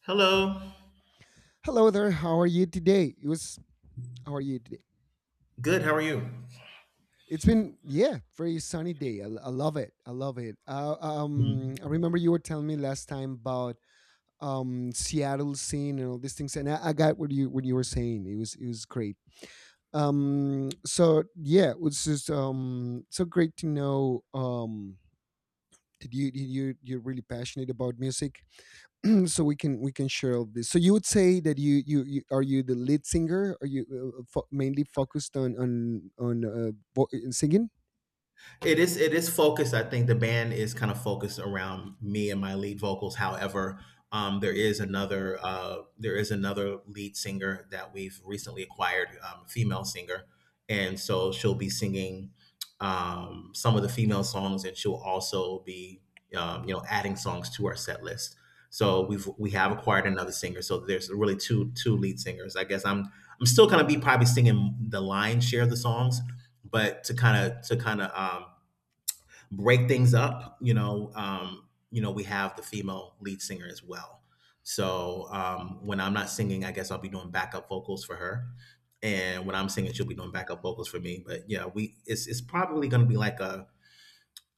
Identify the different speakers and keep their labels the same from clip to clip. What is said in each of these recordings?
Speaker 1: Hello.
Speaker 2: Hello there. How are you today? How are you today?
Speaker 1: Good. How are you?
Speaker 2: It's been, yeah, very sunny day. I love it. I love it. I remember you were telling me last time about Seattle scene and all these things, and I got what you were saying. It was great. So yeah, it was just so great to know that you're really passionate about music, so we can share all this. So you would say that you are you the lead singer? Are you mainly focused on singing?
Speaker 1: It is focused. I think the band is kind of focused around me and my lead vocals. However, there is another lead singer that we've recently acquired, a female singer, and so she'll be singing some of the female songs, and she'll also be adding songs to our set list. So we have acquired another singer. So there's really two lead singers. I'm still gonna be probably singing the lion's share of the songs, but to kind of break things up. We have the female lead singer as well. So when I'm not singing, I guess I'll be doing backup vocals for her, and when I'm singing, she'll be doing backup vocals for me. But yeah, we it's probably going to be like a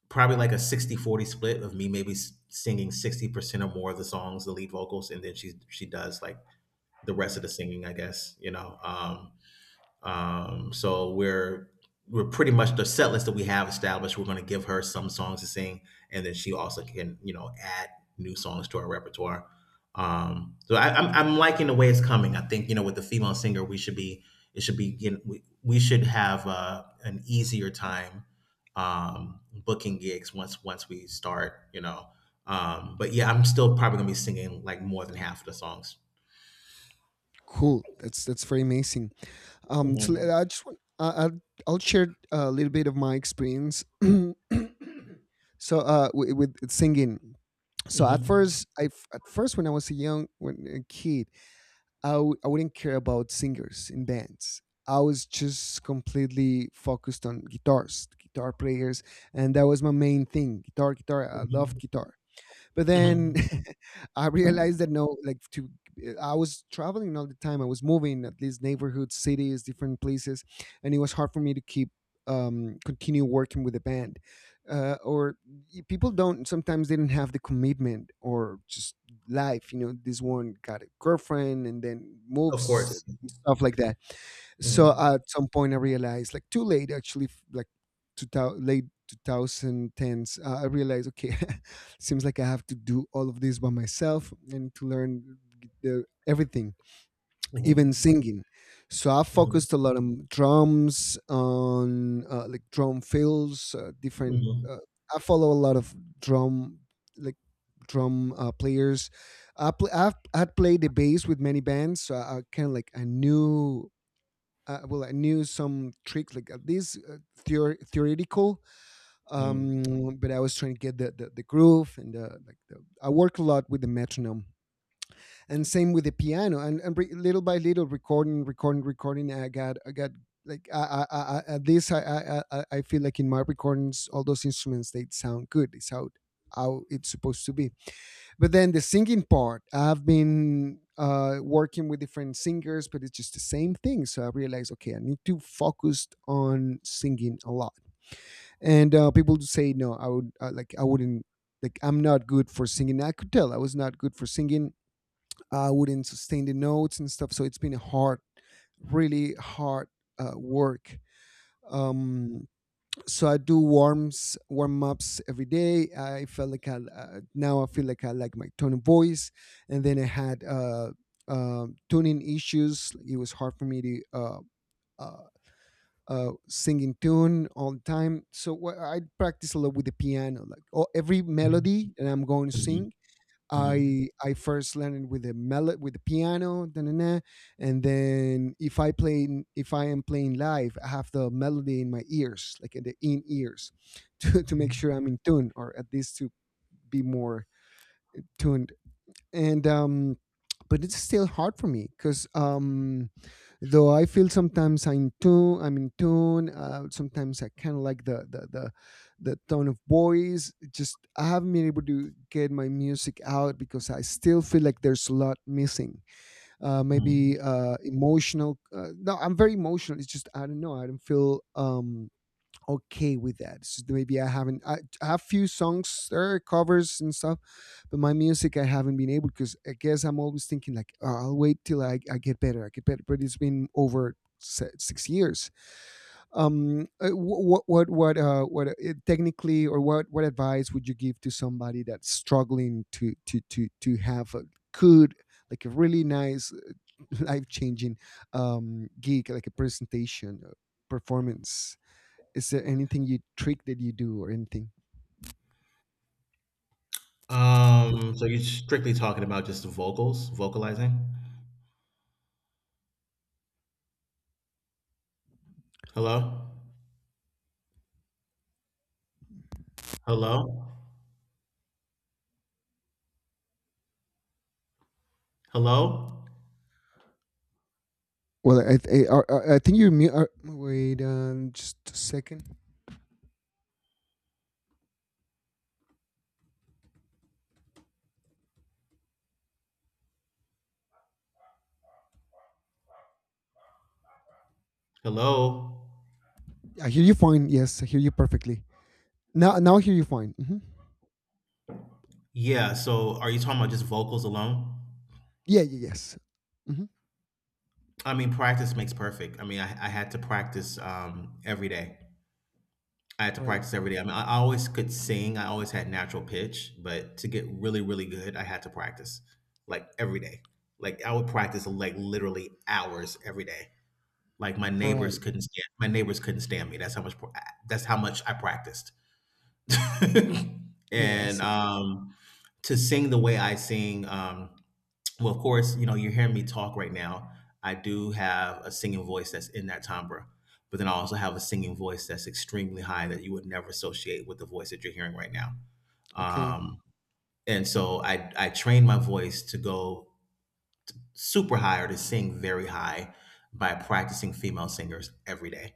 Speaker 1: 60/40 split of me maybe singing 60% or more of the songs, the lead vocals, and then she does like the rest of the singing, I guess. Um, so we're we're pretty much the set list that we have established. We're going to give her some songs to sing, and then she also can, you know, add new songs to our repertoire. I'm liking the way it's coming. I think, you know, with the female singer, we should be it should be, you know, we should have an easier time booking gigs once we start. You know, but yeah, I'm still probably going to be singing like more than half of the songs.
Speaker 2: Cool, that's very amazing. So
Speaker 1: Hmm.
Speaker 2: I just I'll share a little bit of my experience. So with singing. So at
Speaker 1: Hmm.
Speaker 2: first, at first when I was a young when a kid, I wouldn't care about singers in bands. I was just completely focused on guitars, guitar players, and that was my main thing. Guitar, guitar. I loved guitar. But then
Speaker 1: Hmm.
Speaker 2: I realized that no, like to I was traveling all the time. I was moving at least neighborhoods, cities, different places, and it was hard for me to keep continue working with the band or people don't sometimes they don't have the commitment or just life, you know, this one got a girlfriend and then
Speaker 1: Of
Speaker 2: moves,
Speaker 1: course.
Speaker 2: stuff like that.
Speaker 1: Mhm.
Speaker 2: So at some point, I realized, like too late, actually, like 2000 late 2010s, I realized, okay, seems like I have to do all of this by myself and to learn the, everything, even
Speaker 1: Mhm.
Speaker 2: singing. So I
Speaker 1: Mhm.
Speaker 2: focused a lot on drums, on like drum fills, different.
Speaker 1: Mhm.
Speaker 2: I follow a lot of drum, like drum players. I'd played the bass with many bands, so I kind of like I knew well, I knew some tricks like this theoretical, um,
Speaker 1: Mhm.
Speaker 2: but I was trying to get the groove and the, like the, I work a lot with the metronome, and same with the piano, and, little by little recording, recording, recording. I got like at this, I feel like in my recordings, all those instruments, they sound good. It's how it's supposed to be. But then the singing part, I've been working with different singers, but it's just the same thing. So I realized, okay, I need to focus on singing a lot. And people do say, no, I would like, I wouldn't. Like I'm not good for singing. I could tell I was not good for singing. I wouldn't sustain the notes and stuff. So it's been a hard, really hard work. Um, so I do warm ups every day. I felt like I now I feel like I like my tone of voice, and then I had tuning issues. It was hard for me to uh, sing in tune all the time. I practice a lot with the piano, like oh, every
Speaker 1: Mhm.
Speaker 2: melody that I'm going to
Speaker 1: Mhm.
Speaker 2: sing.
Speaker 1: Mhm.
Speaker 2: I first learned with with the piano, da-na-na, and then if I am playing live, I have the melody in my ears, like in the in ears, to make sure I'm in tune, or at least to be more tuned. And But it's still hard for me because though I feel sometimes I'm in tune, sometimes I kind of like the tone of voice. Just I haven't been able to get my music out, because I still feel like there's a lot missing,
Speaker 1: Mhm.
Speaker 2: maybe emotional. No, I'm very emotional. It's just I don't know, I don't feel okay with that. So maybe I haven't. I have few songs there, covers and stuff, but my music I haven't been able, because I guess I'm always thinking like oh, I'll wait till I get better. I get better, but it's been over 6 years. What technically, or what advice would you give to somebody that's struggling to have a good, like a really nice, life changing gig, like a presentation, performance? Is there anything, you trick, that you do or anything?
Speaker 1: So you're strictly talking about just the vocals, vocalizing? Hello? Hello? Hello?
Speaker 2: Well, I think you're mute. Wait, just a second.
Speaker 1: Hello?
Speaker 2: I hear you fine. Yes, I hear you perfectly. Now, now I hear you fine. Hmm.
Speaker 1: Yeah, so are you talking about just vocals alone?
Speaker 2: Yeah, yeah, yes. Hmm.
Speaker 1: I mean, practice makes perfect. I mean, I had to practice every day. I had to
Speaker 2: Right,
Speaker 1: practice every day. I mean, I always could sing. I always had natural pitch, but to get really, really good, I had to practice like every day. Like I would practice like literally hours every day. Like
Speaker 2: right.
Speaker 1: my neighbors couldn't stand me. That's how much I practiced.
Speaker 2: Yeah, I
Speaker 1: And
Speaker 2: see.
Speaker 1: to sing the way I sing, well, of course, you know, you're hearing me talk right now. I do have a singing voice that's in that timbre, but then I also have a singing voice that's extremely high that you would never associate with the voice that you're hearing right now.
Speaker 2: Okay.
Speaker 1: Um, I train my voice to go super high, or to sing very high, by practicing female singers every day.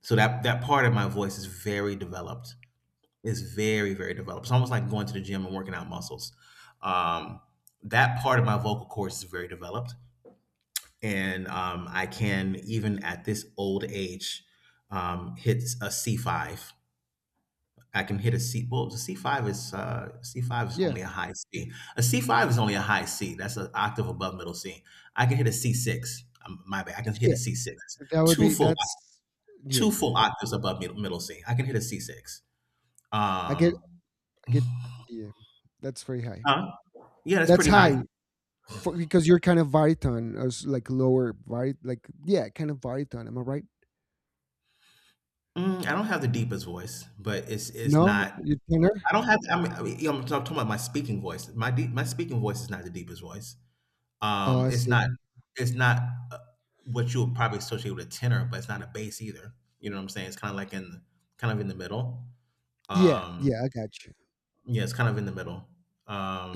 Speaker 1: So that, that part of my voice is very developed. It's very, very developed. It's almost like going to the gym and working out muscles. Um, that part of my vocal cords is very developed, and I can, even at this old age, hit a C five. I can hit a C. Well, the C five is
Speaker 2: Yeah,
Speaker 1: only a high C. A C five is only a high C. That's an octave above middle C. I can hit a C six. My bad. I can hit a
Speaker 2: yeah.
Speaker 1: C six.
Speaker 2: That would
Speaker 1: Two
Speaker 2: be.
Speaker 1: full
Speaker 2: That's. Yeah,
Speaker 1: Two full octaves above middle C. I can hit a C six.
Speaker 2: I get.
Speaker 1: Um,
Speaker 2: I get. Yeah, that's very high.
Speaker 1: huh? Yeah, that's
Speaker 2: That's
Speaker 1: pretty
Speaker 2: high
Speaker 1: high.
Speaker 2: for because you're kind of baritone, or like lower barit, like yeah, kind of baritone. Am I right?
Speaker 1: Mm, I don't have the deepest voice, but it's
Speaker 2: No,
Speaker 1: not
Speaker 2: you're tenor.
Speaker 1: I don't have. I mean, you know, I'm talking about my speaking voice. My speaking voice is not the deepest voice.
Speaker 2: Oh, I
Speaker 1: It's
Speaker 2: see.
Speaker 1: not. It's not uh, what you would probably associate with a tenor, but it's not a bass either. You know what I'm saying? It's kind of like in, Kind of in the middle.
Speaker 2: Yeah,
Speaker 1: Um,
Speaker 2: yeah, I got you.
Speaker 1: yeah, it's kind of in the middle.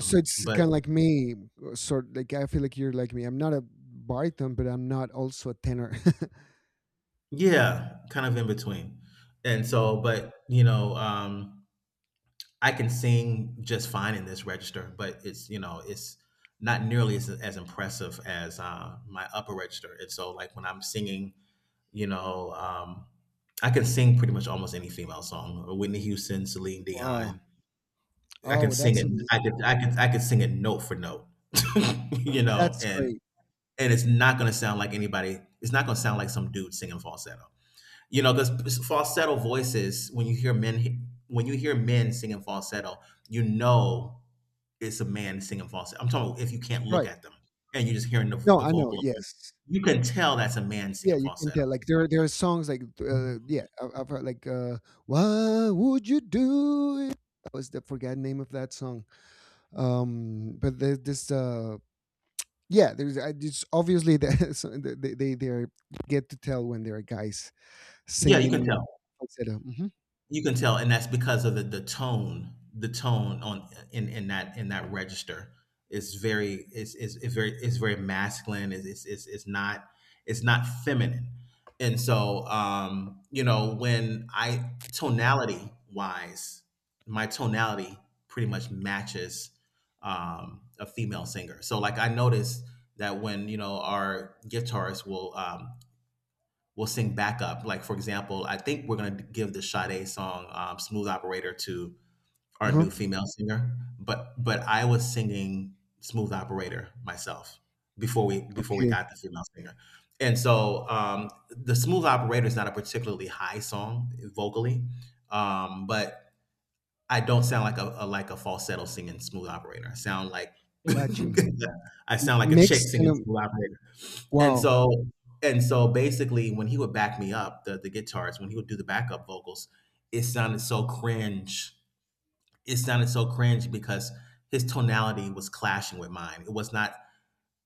Speaker 2: So it's
Speaker 1: But
Speaker 2: kind of like me, sort like I feel like you're like me. I'm not a baritone, but I'm not also a tenor.
Speaker 1: yeah, kind of in between. And
Speaker 2: Hmm.
Speaker 1: so, but you know, I can sing just fine in this register, but it's you know it's not nearly as impressive as my upper register. And so like when I'm singing, you know, I can sing pretty much almost any female song, Whitney Houston, Celine
Speaker 2: Wow.
Speaker 1: Dion. I can
Speaker 2: Oh,
Speaker 1: sing
Speaker 2: that's
Speaker 1: it.
Speaker 2: amazing.
Speaker 1: I could sing it note for note, you know,
Speaker 2: That's
Speaker 1: and
Speaker 2: great.
Speaker 1: it's not going to sound like anybody. It's not going to sound like some dude singing falsetto, you know, because falsetto voices. When you hear men singing falsetto, you know it's a man singing falsetto. I'm talking about if you can't look
Speaker 2: Right.
Speaker 1: at them and you're just hearing
Speaker 2: No,
Speaker 1: the
Speaker 2: I know.
Speaker 1: vocal,
Speaker 2: Yes.
Speaker 1: you can tell that's a man
Speaker 2: Yeah,
Speaker 1: singing
Speaker 2: you can
Speaker 1: falsetto.
Speaker 2: tell. Like there, there are songs like yeah, I've heard like "Why Would You Do It." That was the forgotten name of that song. But there's this yeah, there's I it's obviously that. So get to tell when they're guys.
Speaker 1: Yeah, you can
Speaker 2: Singing
Speaker 1: tell.
Speaker 2: falsetto, mhm,
Speaker 1: You can tell, and that's because of the tone on in that register is very masculine. Is not It's not feminine, and so you know, when I, tonality wise, my tonality pretty much matches a female singer. So like I noticed that when, you know, our guitarists will sing backup. Like for example, I think we're gonna give the Sade song, "Smooth Operator," to our
Speaker 2: uh-huh,
Speaker 1: new female singer, but I was singing "Smooth Operator" myself before we
Speaker 2: okay,
Speaker 1: got the female singer, and so the "Smooth Operator" is not a particularly high song vocally, but I don't sound like a like a falsetto singing smooth operator. I sound like
Speaker 2: got you.
Speaker 1: I
Speaker 2: M
Speaker 1: sound like a chick
Speaker 2: mixed kind
Speaker 1: singing
Speaker 2: of,
Speaker 1: smooth operator. And
Speaker 2: wow,
Speaker 1: so and so basically when he would back me up, the guitars, when he would do the backup vocals, it sounded so cringe. It sounded so cringe because his tonality was clashing with mine.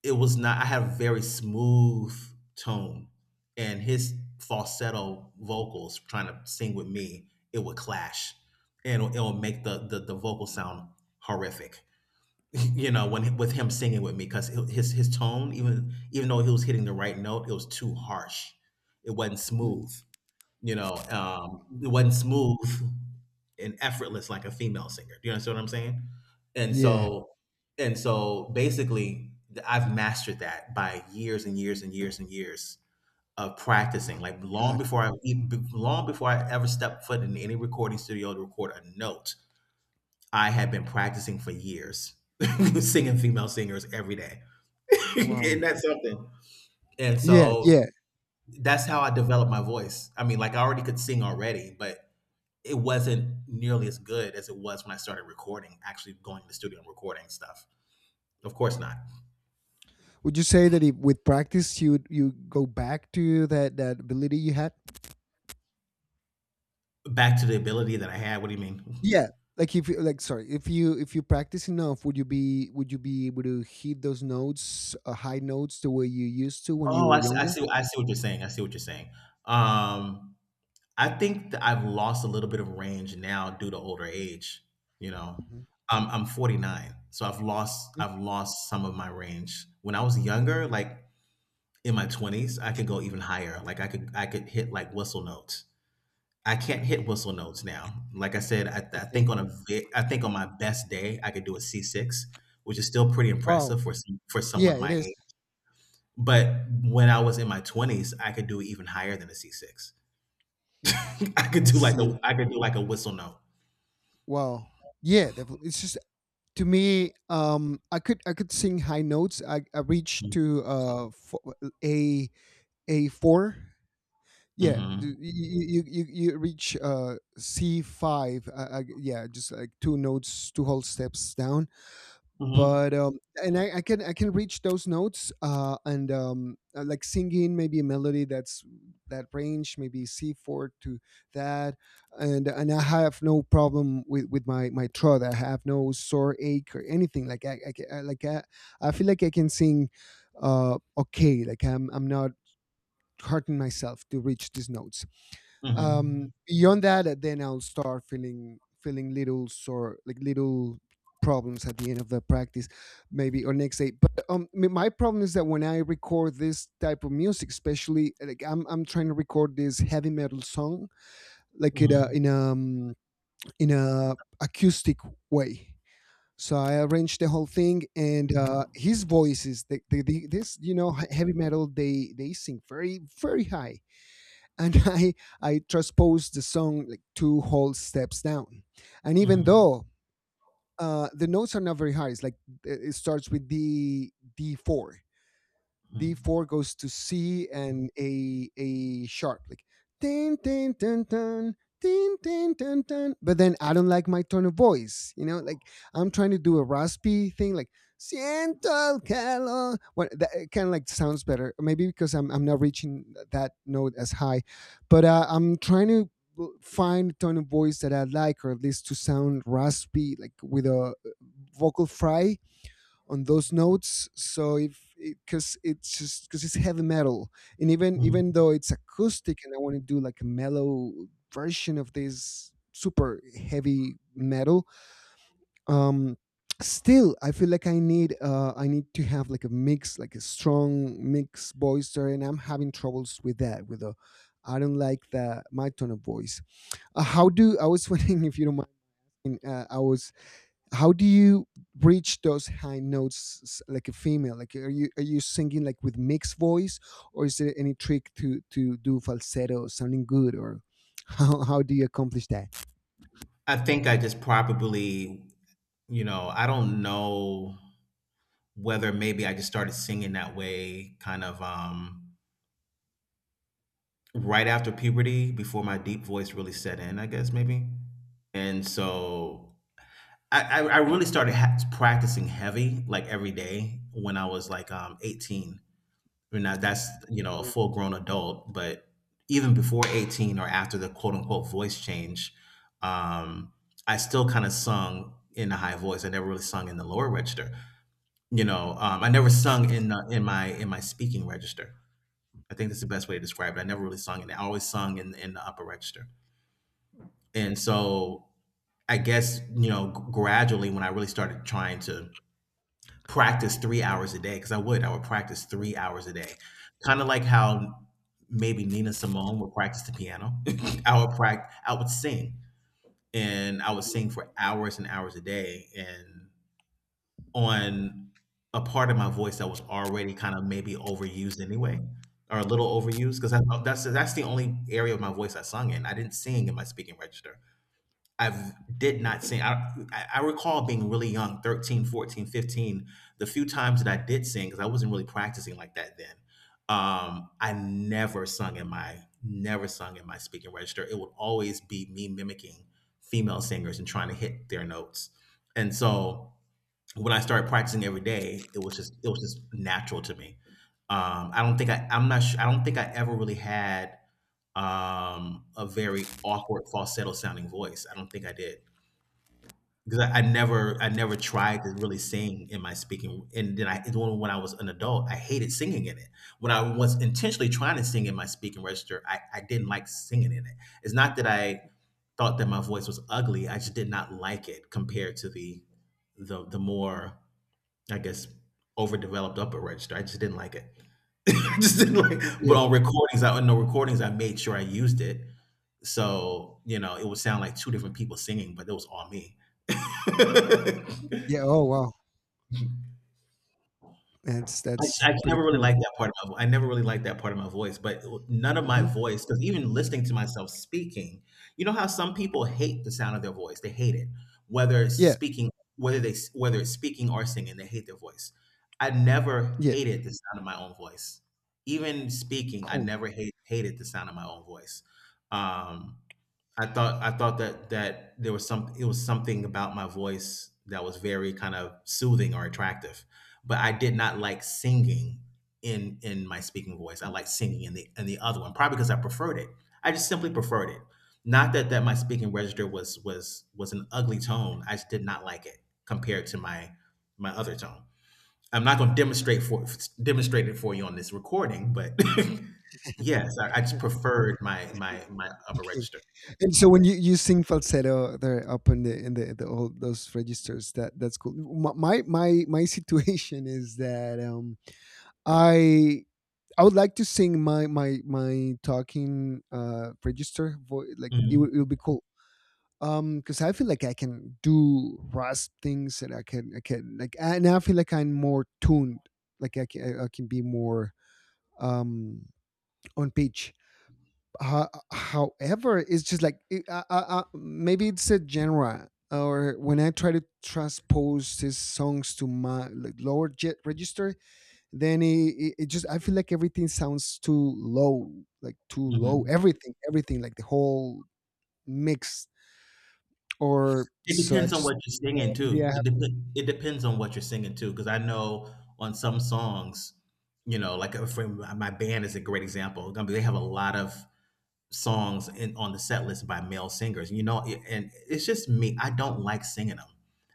Speaker 1: It was not I had a very smooth tone, and his falsetto vocals trying to sing with me, it would clash, and it'll make the vocal sound horrific. You know, when with him singing with me, because his tone, even though he was hitting the right note, it was too harsh. It wasn't
Speaker 2: mm,
Speaker 1: smooth. You know, it
Speaker 2: mhm,
Speaker 1: wasn't smooth and effortless like a female singer. Do you understand what I'm saying? And
Speaker 2: yeah,
Speaker 1: so and so basically I've mastered that by years and years and years and years of
Speaker 2: oh
Speaker 1: practicing. Like
Speaker 2: my god,
Speaker 1: long before I ever stepped foot in any recording studio to record a note, I had been practicing for years. Singing female singers every day.
Speaker 2: wow.
Speaker 1: Isn't that something? And
Speaker 2: Yeah,
Speaker 1: so
Speaker 2: yeah.
Speaker 1: that's how I developed my voice. I mean, like I already could sing already, but it wasn't nearly as good as it was when I started recording, actually going to the studio and recording stuff. Of course not.
Speaker 2: Would you say that if with practice, you go back to that that ability you had?
Speaker 1: Back to the ability that I had. What do you mean?
Speaker 2: Yeah, like if you like, sorry, if you practice enough, would you be able to hit those notes, high notes the way you used to when you
Speaker 1: Oh,
Speaker 2: were
Speaker 1: I see.
Speaker 2: younger?
Speaker 1: I see what you're saying. I see what you're saying. Um, I think that I've lost a little bit of range now due to older age. You know,
Speaker 2: Mhm,
Speaker 1: I'm 49, so
Speaker 2: mm,
Speaker 1: I've lost some of my range. When I was younger, like in my 20s, I could go even higher. Like I could hit like whistle notes. I can't hit whistle notes now. Like I said,
Speaker 2: okay.
Speaker 1: I think on my best day I could do a C six, which is still pretty
Speaker 2: Wow.
Speaker 1: impressive for for
Speaker 2: Yeah,
Speaker 1: someone
Speaker 2: it
Speaker 1: my
Speaker 2: is.
Speaker 1: age. But when I was in my twenties, I could do even higher than a C six. I could
Speaker 2: I
Speaker 1: do like
Speaker 2: see.
Speaker 1: a I could do like a whistle note.
Speaker 2: Wow. Yeah, definitely. It's just to me, I could sing high notes. I reached
Speaker 1: Mm-hmm.
Speaker 2: to a four. Yeah,
Speaker 1: Mm-hmm.
Speaker 2: you reach C five. Yeah, just like two notes, two whole steps down, but and I can reach those notes and like singing maybe a melody that's that range, maybe c4 to that, and I have no problem with my my throat. I have no sore ache or anything like I, I like I feel like I can sing okay, like I'm not hurting myself to reach these notes.
Speaker 1: Mm-hmm.
Speaker 2: Beyond that, then I'll start feeling feeling little sore, like little problems at the end of the practice, maybe, or next day. But my problem is that when I record this type of music, especially, like I'm trying to record this heavy metal song like
Speaker 1: Mm-hmm.
Speaker 2: in a in a acoustic way. So I arranged the whole thing, and his voices the, the this, you know, heavy metal, they sing very very high. And I transposed the song like two whole steps down. And even
Speaker 1: Mm-hmm.
Speaker 2: though, the notes are not very high, it's like it starts with D four, D4 goes to C and a sharp, like tin tin tin tin tin tin tin tin. But then I don't like my tone of voice, you know. Like I'm trying to do a raspy thing, like siento el calor. What that kind of like sounds better, maybe because I'm not reaching that note as high, but I'm trying to find a tone of voice that I like, or at least to sound raspy, like with a vocal fry on those notes. So if, because it's just because it's heavy metal, and even
Speaker 1: Mm.
Speaker 2: even though it's acoustic and I want to do like a mellow version of this super heavy metal, um still I feel like I need I need to have like a mix, like a strong mix voice there, and I'm having troubles with that with the, I don't like the my tone of voice. How do, I was wondering, if you don't mind, I was how do you reach those high notes, like a female? Like are you singing like with mixed voice, or is there any trick to do falsetto sounding good, or how do you accomplish that?
Speaker 1: I think I just probably, you know, I don't know whether maybe I just started singing that way kind of right after puberty, before my deep voice really set in, I guess maybe. And so I really started practicing heavy like every day when I was like 18. And now that's, you know, a full grown adult, but even before 18, or after the quote unquote voice change, um, I still kind of sung in a high voice. I never really sung in the lower register. You know, I never sung in in my speaking register. I think that's the best way to describe it. I never really sung in. It. I always sung in the upper register, and so I guess, you know, gradually when I really started trying to practice 3 hours a day, because I would practice 3 hours a day, kind of like how maybe Nina Simone would practice the piano. I would practice. I would sing, and I would sing for hours and hours a day, and on a part of my voice that was already kind of maybe overused anyway, or a little overused because that's the only area of my voice I sung in. I didn't sing in my speaking register. I did not sing. I recall being really young, 13, 14, 15. The few times that I did sing, because I wasn't really practicing like that then. I never sung in my speaking register. It would always be me mimicking female singers and trying to hit their notes. And so when I started practicing every day, it was just natural to me. I'm not sure, I don't think I ever really had a very awkward falsetto sounding voice. I don't think I did because I never tried to really sing in my speaking. And then I when I was an adult, I hated singing in it. When I was intentionally trying to sing in my speaking register, I didn't like singing in it. It's not that I thought that my voice was ugly. I just did not like it compared to the more, I guess, overdeveloped upper register. I just didn't like it. I just didn't like.
Speaker 2: Yeah,
Speaker 1: But on recordings, I on the recordings, I made sure I used it. So you know, it would sound like two different people singing, but it was all me.
Speaker 2: yeah, oh wow,
Speaker 1: I just
Speaker 2: that's pretty cool.
Speaker 1: I never really liked that part of my voice, but none of my
Speaker 2: Hmm.
Speaker 1: voice, because even listening to myself speaking, you know how some people hate the sound of their voice? They hate it, whether it's
Speaker 2: Yeah,
Speaker 1: speaking, whether it's speaking or singing, they hate their voice. I never
Speaker 2: yeah,
Speaker 1: hated the sound of my own voice, even speaking. I
Speaker 2: cool,
Speaker 1: never hated the sound of my own voice. Um, I thought that there was some, it was something about my voice that was very kind of soothing or attractive, but I did not like singing in my speaking voice. I liked singing in the other one, probably because I preferred it. I just simply preferred it. Not that my speaking register was an ugly tone. I just did not like it compared to my my other tone. I'm not going to demonstrate it for you on this recording, but yes, I just preferred my upper
Speaker 2: okay.
Speaker 1: register.
Speaker 2: And so when you sing falsetto there, up in the all those registers, that's cool. My situation is that I I would like to sing my talking register voice. Like it would be cool. Because I feel like I can do rasp things, and I feel like I'm more tuned. Like I can be more um on pitch. However, it's just like it, I, maybe it's a genre. Or when I try to transpose these songs to my, like, lower jet register, then it just I feel like everything sounds too low, like too low,
Speaker 1: Mhm.
Speaker 2: everything everything like the whole mix. Or
Speaker 1: It
Speaker 2: so I
Speaker 1: depends on
Speaker 2: just,
Speaker 1: what you're singing
Speaker 2: maybe I
Speaker 1: too.
Speaker 2: have
Speaker 1: It depends on what you're singing too. Because I know on some songs, you know, like, for my band is a great example. I mean, they have a lot of songs in on the set list by male singers, you know, a and it's just me, I don't like singing them.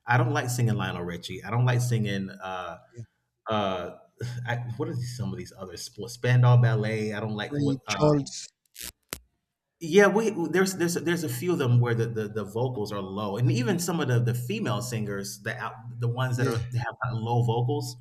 Speaker 1: I don't like singing Lionel Richie. I don't like singing,
Speaker 2: to.
Speaker 1: uh, I, what are these, some of these others? Sp Spandau Ballet, I don't like,
Speaker 2: Read
Speaker 1: what, uh.
Speaker 2: Charles.
Speaker 1: Yeah, we, there's a few of them where the vocals are low, and even some of the female singers, the ones that
Speaker 2: Yeah,
Speaker 1: are, that have kind low vocals,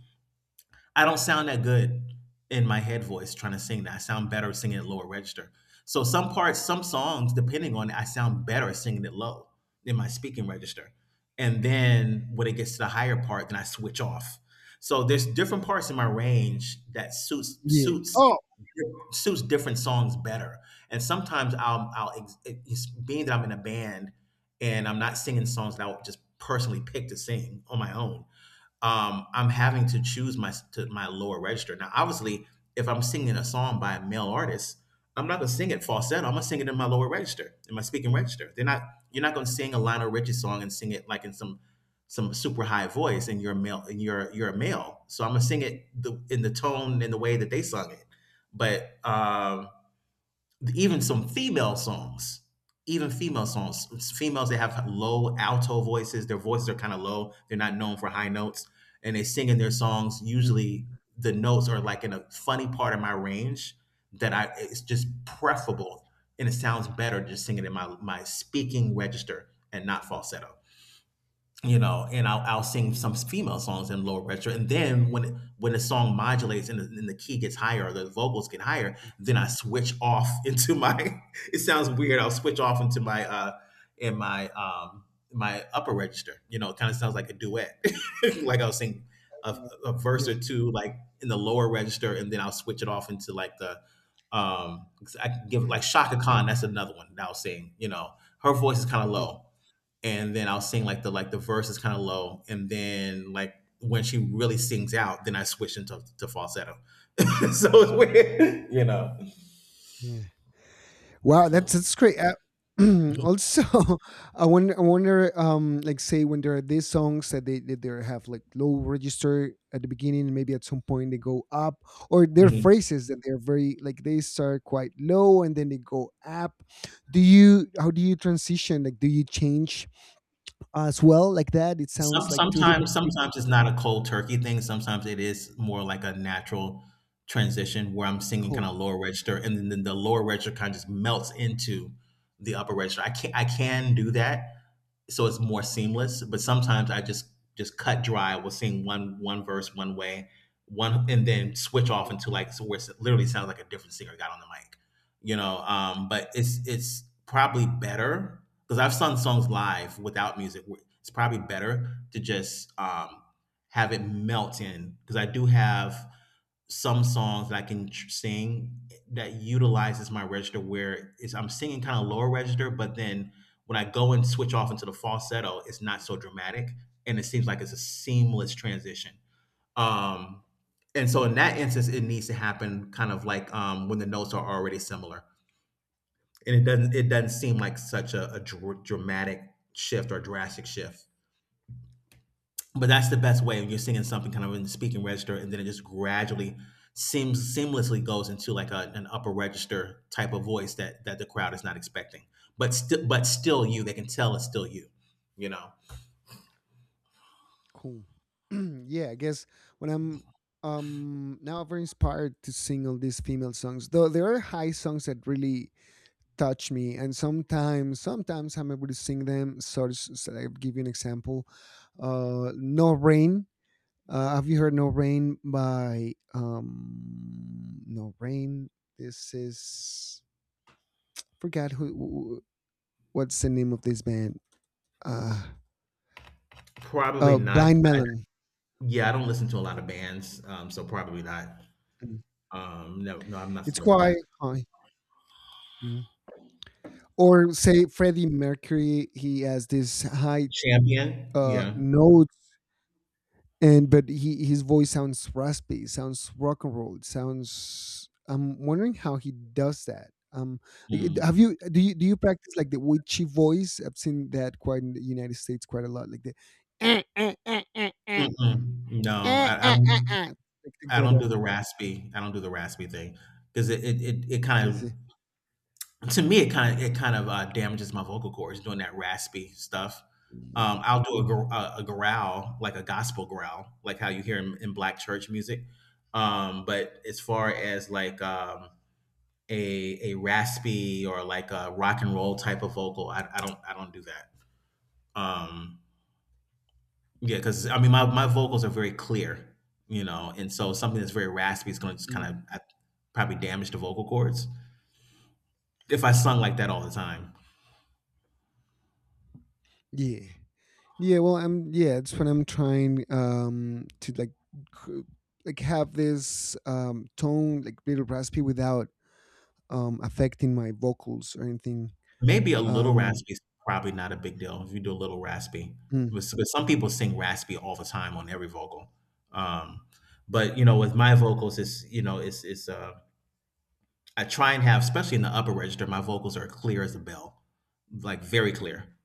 Speaker 1: I don't sound that good in my head voice trying to sing that. I sound better singing at lower register. So some parts, some songs, depending on it, I sound better singing it low in my speaking register, and then when it gets to the higher part, then I switch off. So there's different parts in my range that
Speaker 2: yeah. Oh.
Speaker 1: suits different songs better. And sometimes I'll it's being that I'm in a band and I'm not singing songs that I would just personally pick to sing on my own. I'm having to choose my lower register. Now, obviously, if I'm singing a song by a male artist, I'm not gonna sing it falsetto. I'm gonna sing it in my lower register, in my speaking register. They're not You're not gonna sing a Lionel Richie song and sing it like in some super high voice, and you're a male and you're a male. So I'm gonna sing it in the tone and the way that they sung it. But even some female songs, even female songs females, they have low alto voices, their voices are kind of low, they're not known for high notes, and they sing in their songs
Speaker 2: Mm,
Speaker 1: usually the notes are like in a funny part of my range that I it's just preferable, and it sounds better just singing in my speaking register and not falsetto, you know. And I'll sing
Speaker 2: mm,
Speaker 1: some female songs in lower register, and then when the song modulates and and the key gets higher or the vocals get higher, then I switch off into my. It sounds weird. I'll switch off into my in my my upper register. You know, it kind of sounds like a duet, like I'll sing a,
Speaker 2: mm.
Speaker 1: a verse
Speaker 2: Yeah,
Speaker 1: or two like in the lower register, and then I'll switch it off into like the um I can give like Shaka Khan. That's another one that I'll sing. You know, her voice is kind of
Speaker 2: yeah,
Speaker 1: low, and then I'll sing like the verse is kind of low, and then, like, when she really sings out, then I switch into to falsetto. So it's weird, you know.
Speaker 2: yeah. Wow, that's great. Also, I wonder, like, say when there are these songs that they have, like, low register at the beginning, maybe at some point they go up. Or their
Speaker 1: Mhm.
Speaker 2: phrases that they're, very, like, they start quite low and then they go up. Do you How do you transition? Like, do you change as well, like that? It sounds like two different people.
Speaker 1: Sometimes it's not a cold turkey thing. Sometimes it is more like a natural transition where I'm singing kind
Speaker 2: Cool.
Speaker 1: of lower register, and then the lower register kind of just melts into the upper register. I can do that, so it's more seamless. But sometimes I just cut dry, we with sing one verse one way, one and then switch off into, like, so where it literally sounds like a different singer got on the mic, you know. But it's probably better because I've sung songs live without music. It's probably better to just, have it melt in, because I do have some songs that sing that utilizes my register where it's, I'm singing kind of lower register, but then when I go and switch off into the falsetto, it's not so dramatic and it seems like it's a seamless transition. Um, and so in that instance, it needs to happen kind of like, when the notes are already similar. And it doesn't seem like such a, dramatic shift or drastic shift, but that's the best way, when you're singing something kind of in the speaking register and then it just gradually seems seamlessly goes into like a, an upper register type of voice, that that the crowd is not expecting, but still you, they can tell it's still you, you know.
Speaker 2: Cool. Yeah, I guess when I'm, now, very inspired to sing all these female songs. Though there are high songs that really touch me, and sometimes I'm able to sing them. So, so I'll give you an example. No Rain. Have you heard No Rain by No Rain? This is, forgot who, what's the name of this band. Uh,
Speaker 1: Probably not.
Speaker 2: Blind
Speaker 1: I,
Speaker 2: Melon.
Speaker 1: yeah, I don't listen to a lot of bands, so probably not.
Speaker 2: Mm.
Speaker 1: No, no, I'm not
Speaker 2: It's
Speaker 1: familiar with
Speaker 2: quite
Speaker 1: that.
Speaker 2: high. Mm. Or say Freddie Mercury, he has this high
Speaker 1: Champion, yeah.
Speaker 2: note, and but he his voice sounds raspy, sounds rock and roll, it sounds, I'm wondering how he does that. Like, have
Speaker 1: Mm.
Speaker 2: you do you practice like the witchy voice? I've seen that quite in the United States quite a lot, like the "Eh, eh, eh, eh, eh,
Speaker 1: Mm-mm. No,
Speaker 2: eh, eh,
Speaker 1: I
Speaker 2: eh,
Speaker 1: don't,
Speaker 2: eh," like to
Speaker 1: I
Speaker 2: get.
Speaker 1: don't do the raspy, I don't do the raspy thing because it kind of,
Speaker 2: See.
Speaker 1: to me it kind of, it kind of damages my vocal cords doing that raspy stuff.
Speaker 2: Mm,
Speaker 1: I'll do a, a growl like a gospel growl, like how you hear in black church music. But as far as like, a raspy or like a rock and roll type of vocal, I don't, I don't do that. Um, yeah because I mean my vocals are very clear, you know. And so something that's very raspy is going to just
Speaker 2: mm.
Speaker 1: kind of probably damage the vocal cords if I sung like that all the time.
Speaker 2: Yeah. Yeah, well, I'm, yeah, it's when I'm trying to, like, cr- like have this tone, like little raspy, without affecting my vocals or anything.
Speaker 1: Maybe a little
Speaker 2: Um
Speaker 1: raspy is probably not a big deal if you do a little raspy.
Speaker 2: mm.
Speaker 1: But some people sing raspy all the time on every vocal. Um, but you know, with my vocals, it's you know, it's I try and have, especially in the upper register, my vocals are clear as a bell, like very clear,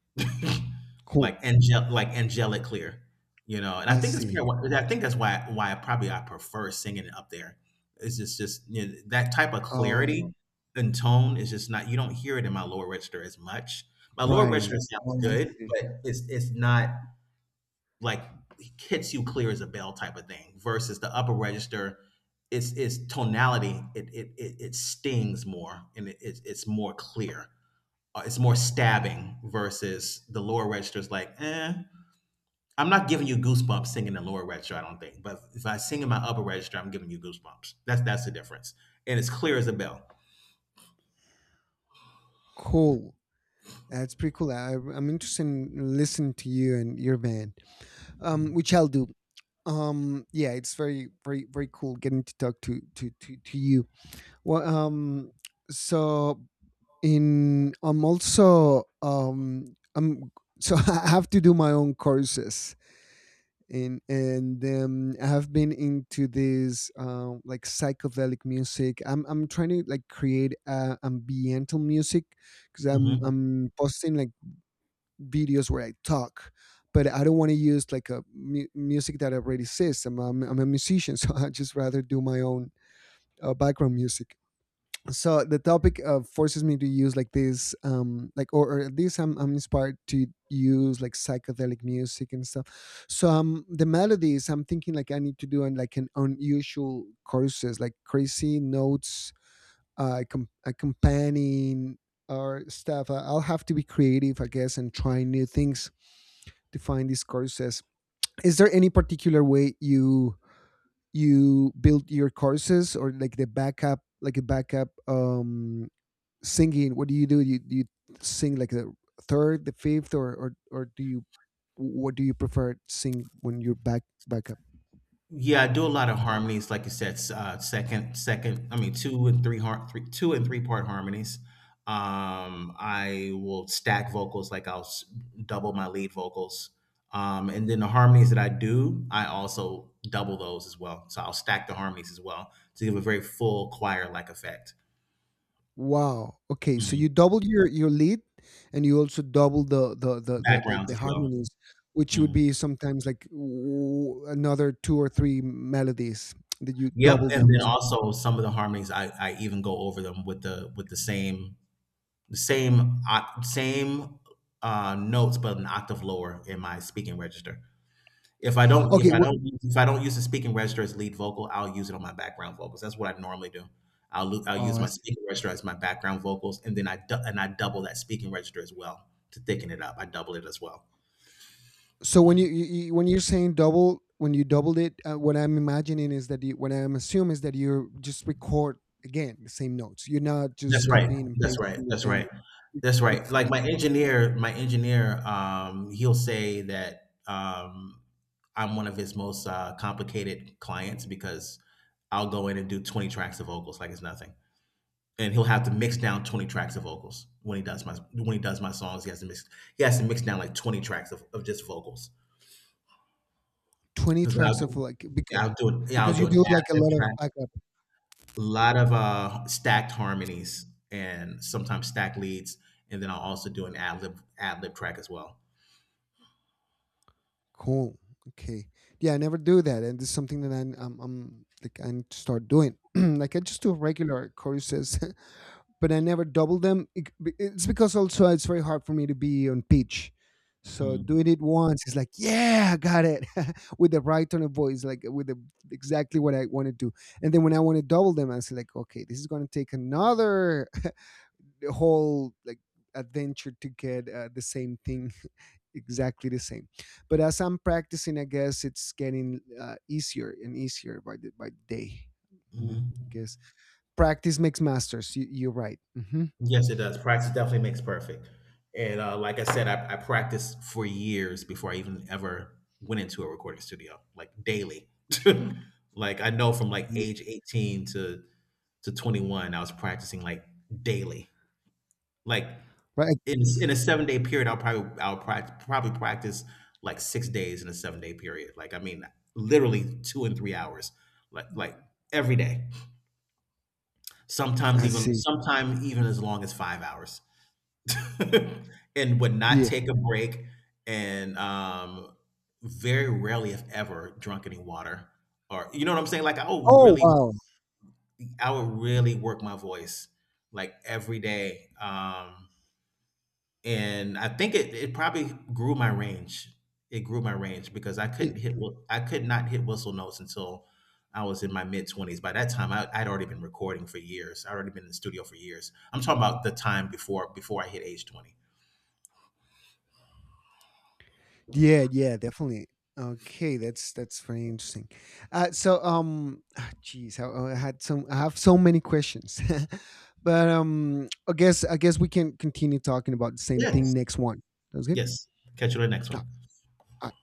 Speaker 2: Cool.
Speaker 1: like angel, like angelic clear, you know. And I
Speaker 2: I
Speaker 1: think that's probably
Speaker 2: see.
Speaker 1: I think that's why, I probably, I prefer singing up there. It's just, you know, that type of
Speaker 2: Oh,
Speaker 1: clarity and tone is just not, you don't hear it in my lower register as much. My lower register
Speaker 2: right.
Speaker 1: sounds
Speaker 2: Oh, I
Speaker 1: good,
Speaker 2: see.
Speaker 1: but it's not like hits you clear as a bell type of thing versus the upper register. It's tonality, it stings more and it's more clear, it's more stabbing versus the lower register is like eh. I'm not giving you goosebumps singing the lower register I don't think, but if I sing in my upper register I'm giving you goosebumps. That's the difference, and it's clear as a bell.
Speaker 2: Cool. That's pretty cool. I'm interested in listening to you and your band, which I'll do. Yeah, it's very, very, very cool getting to talk to you. Well, so, in I'm also, I'm, so, I have to do my own courses in and I have been into this, like, psychedelic music. I'm trying to, like, create ambiental music because i'm
Speaker 1: Mhm.
Speaker 2: i'm posting, like, videos where I talk. But I don't want to use, like, a music that already exists. I'm a musician, so I just rather do my own background music. So the topic forces me to use, like, this, like, or, at least I'm inspired to use, like, psychedelic music and stuff. So, the melodies, I'm thinking, like, I need to do on, like, an unusual courses, like crazy notes, accompanying, or stuff. I'll have to be creative, I guess, and try new things to find these courses. Is there any particular way you build your courses, or, like, the backup, like a backup singing? What do you Do you sing like the third, the fifth, or do you, what do you prefer sing when you're back up
Speaker 1: Yeah, I do a
Speaker 2: singing?
Speaker 1: lot of harmonies, like you said, second. I mean, two and three part harmonies. I will stack vocals, like I'll double my lead vocals, and then the harmonies that I do, I also double those as well. So I'll stack the harmonies as well to give a very full choir-like effect.
Speaker 2: Wow, okay. So you
Speaker 1: Mhm.
Speaker 2: double your lead, and you also double the the the the, the,
Speaker 1: Backgrounds
Speaker 2: the
Speaker 1: as well.
Speaker 2: harmonies, which would
Speaker 1: Mhm.
Speaker 2: be sometimes, like, another two or three melodies that you
Speaker 1: Yep,
Speaker 2: double
Speaker 1: and
Speaker 2: them
Speaker 1: then also some of the harmonies, I even go over them with the same the same oc- same notes but an octave lower in my speaking register. If I don't
Speaker 2: okay
Speaker 1: if I don't use the speaking register as lead vocal, I'll use it on my background vocals. That's what I normally do. I'll
Speaker 2: oh
Speaker 1: use my
Speaker 2: I
Speaker 1: speaking register as my background vocals, and then I du- and I double that speaking register as well to thicken it up. I double it as well.
Speaker 2: so when you, when you're saying double, when you doubled it, what I'm imagining is that you, what I'm assuming is that you just record again the same notes. You're not just
Speaker 1: That's right.
Speaker 2: copying and
Speaker 1: That's right.
Speaker 2: pasting the
Speaker 1: That's
Speaker 2: same.
Speaker 1: right.
Speaker 2: you-
Speaker 1: That's right.
Speaker 2: you-
Speaker 1: Like my engineer, he'll say that I'm one of his most complicated clients because I'll go in and do 20 tracks of vocals like it's nothing, and he'll have to mix down 20 tracks of vocals when he does my songs. He has to mix down like 20 tracks of just vocals
Speaker 2: 20
Speaker 1: because
Speaker 2: tracks of, like, because
Speaker 1: yeah, yeah, I'll
Speaker 2: because
Speaker 1: do
Speaker 2: you
Speaker 1: an
Speaker 2: do, like, a lot of
Speaker 1: ad
Speaker 2: backup.
Speaker 1: a lot of stacked harmonies and sometimes stacked leads, and then I'll also do an ad lib track as well.
Speaker 2: Cool. Okay. Yeah, I never do that, and it's something that I'm like, I need to start doing. Like, I just do regular choruses but I never double them. It's because also it's very hard for me to be on pitch. So
Speaker 1: Mm.
Speaker 2: doing it once is like, yeah, I got it, with the right tone of voice, like with the, exactly what I want to do. And then when I want to double them, I say, like, okay, this is going to take another, the whole, like, adventure to get, the same thing, exactly the same. But as I'm practicing, I guess it's getting, easier and easier by the, day. Mm,
Speaker 1: Mhm.
Speaker 2: I guess practice makes masters. You're right. Hmm.
Speaker 1: Yes, it does. Practice definitely makes perfect. And like I said, I practiced for years before I even ever went into a recording studio, like daily. Like I know from like age 18 to 21, I was practicing like daily. Like
Speaker 2: Right. Like,
Speaker 1: in a 7-day period, I'll probably practice like 6 days in a 7-day period. Like I mean, literally 2 and 3 hours, like every day. Sometimes
Speaker 2: I
Speaker 1: even
Speaker 2: see.
Speaker 1: sometimes even as long as 5 hours, and would not
Speaker 2: Yeah.
Speaker 1: take a break. And very rarely, if ever, drunk any water. Or you know what I'm saying? Like I would
Speaker 2: Oh,
Speaker 1: really,
Speaker 2: wow.
Speaker 1: I would really work my voice like every day. And I think it probably grew my range. It grew my range because
Speaker 2: Y
Speaker 1: I could not hit whistle notes until I was in my mid-20s. By that time, I'd already been recording for years. I'd already been in the studio for years. I'm talking about the time before I hit age 20.
Speaker 2: Yeah, yeah, definitely. Okay, that's very interesting. So, ah, geez, I had some. I have so many questions, but, I guess we can continue talking about the same thing
Speaker 1: Yes.
Speaker 2: next one. Sounds good.
Speaker 1: Yes. Catch you on the next one.
Speaker 2: Ah,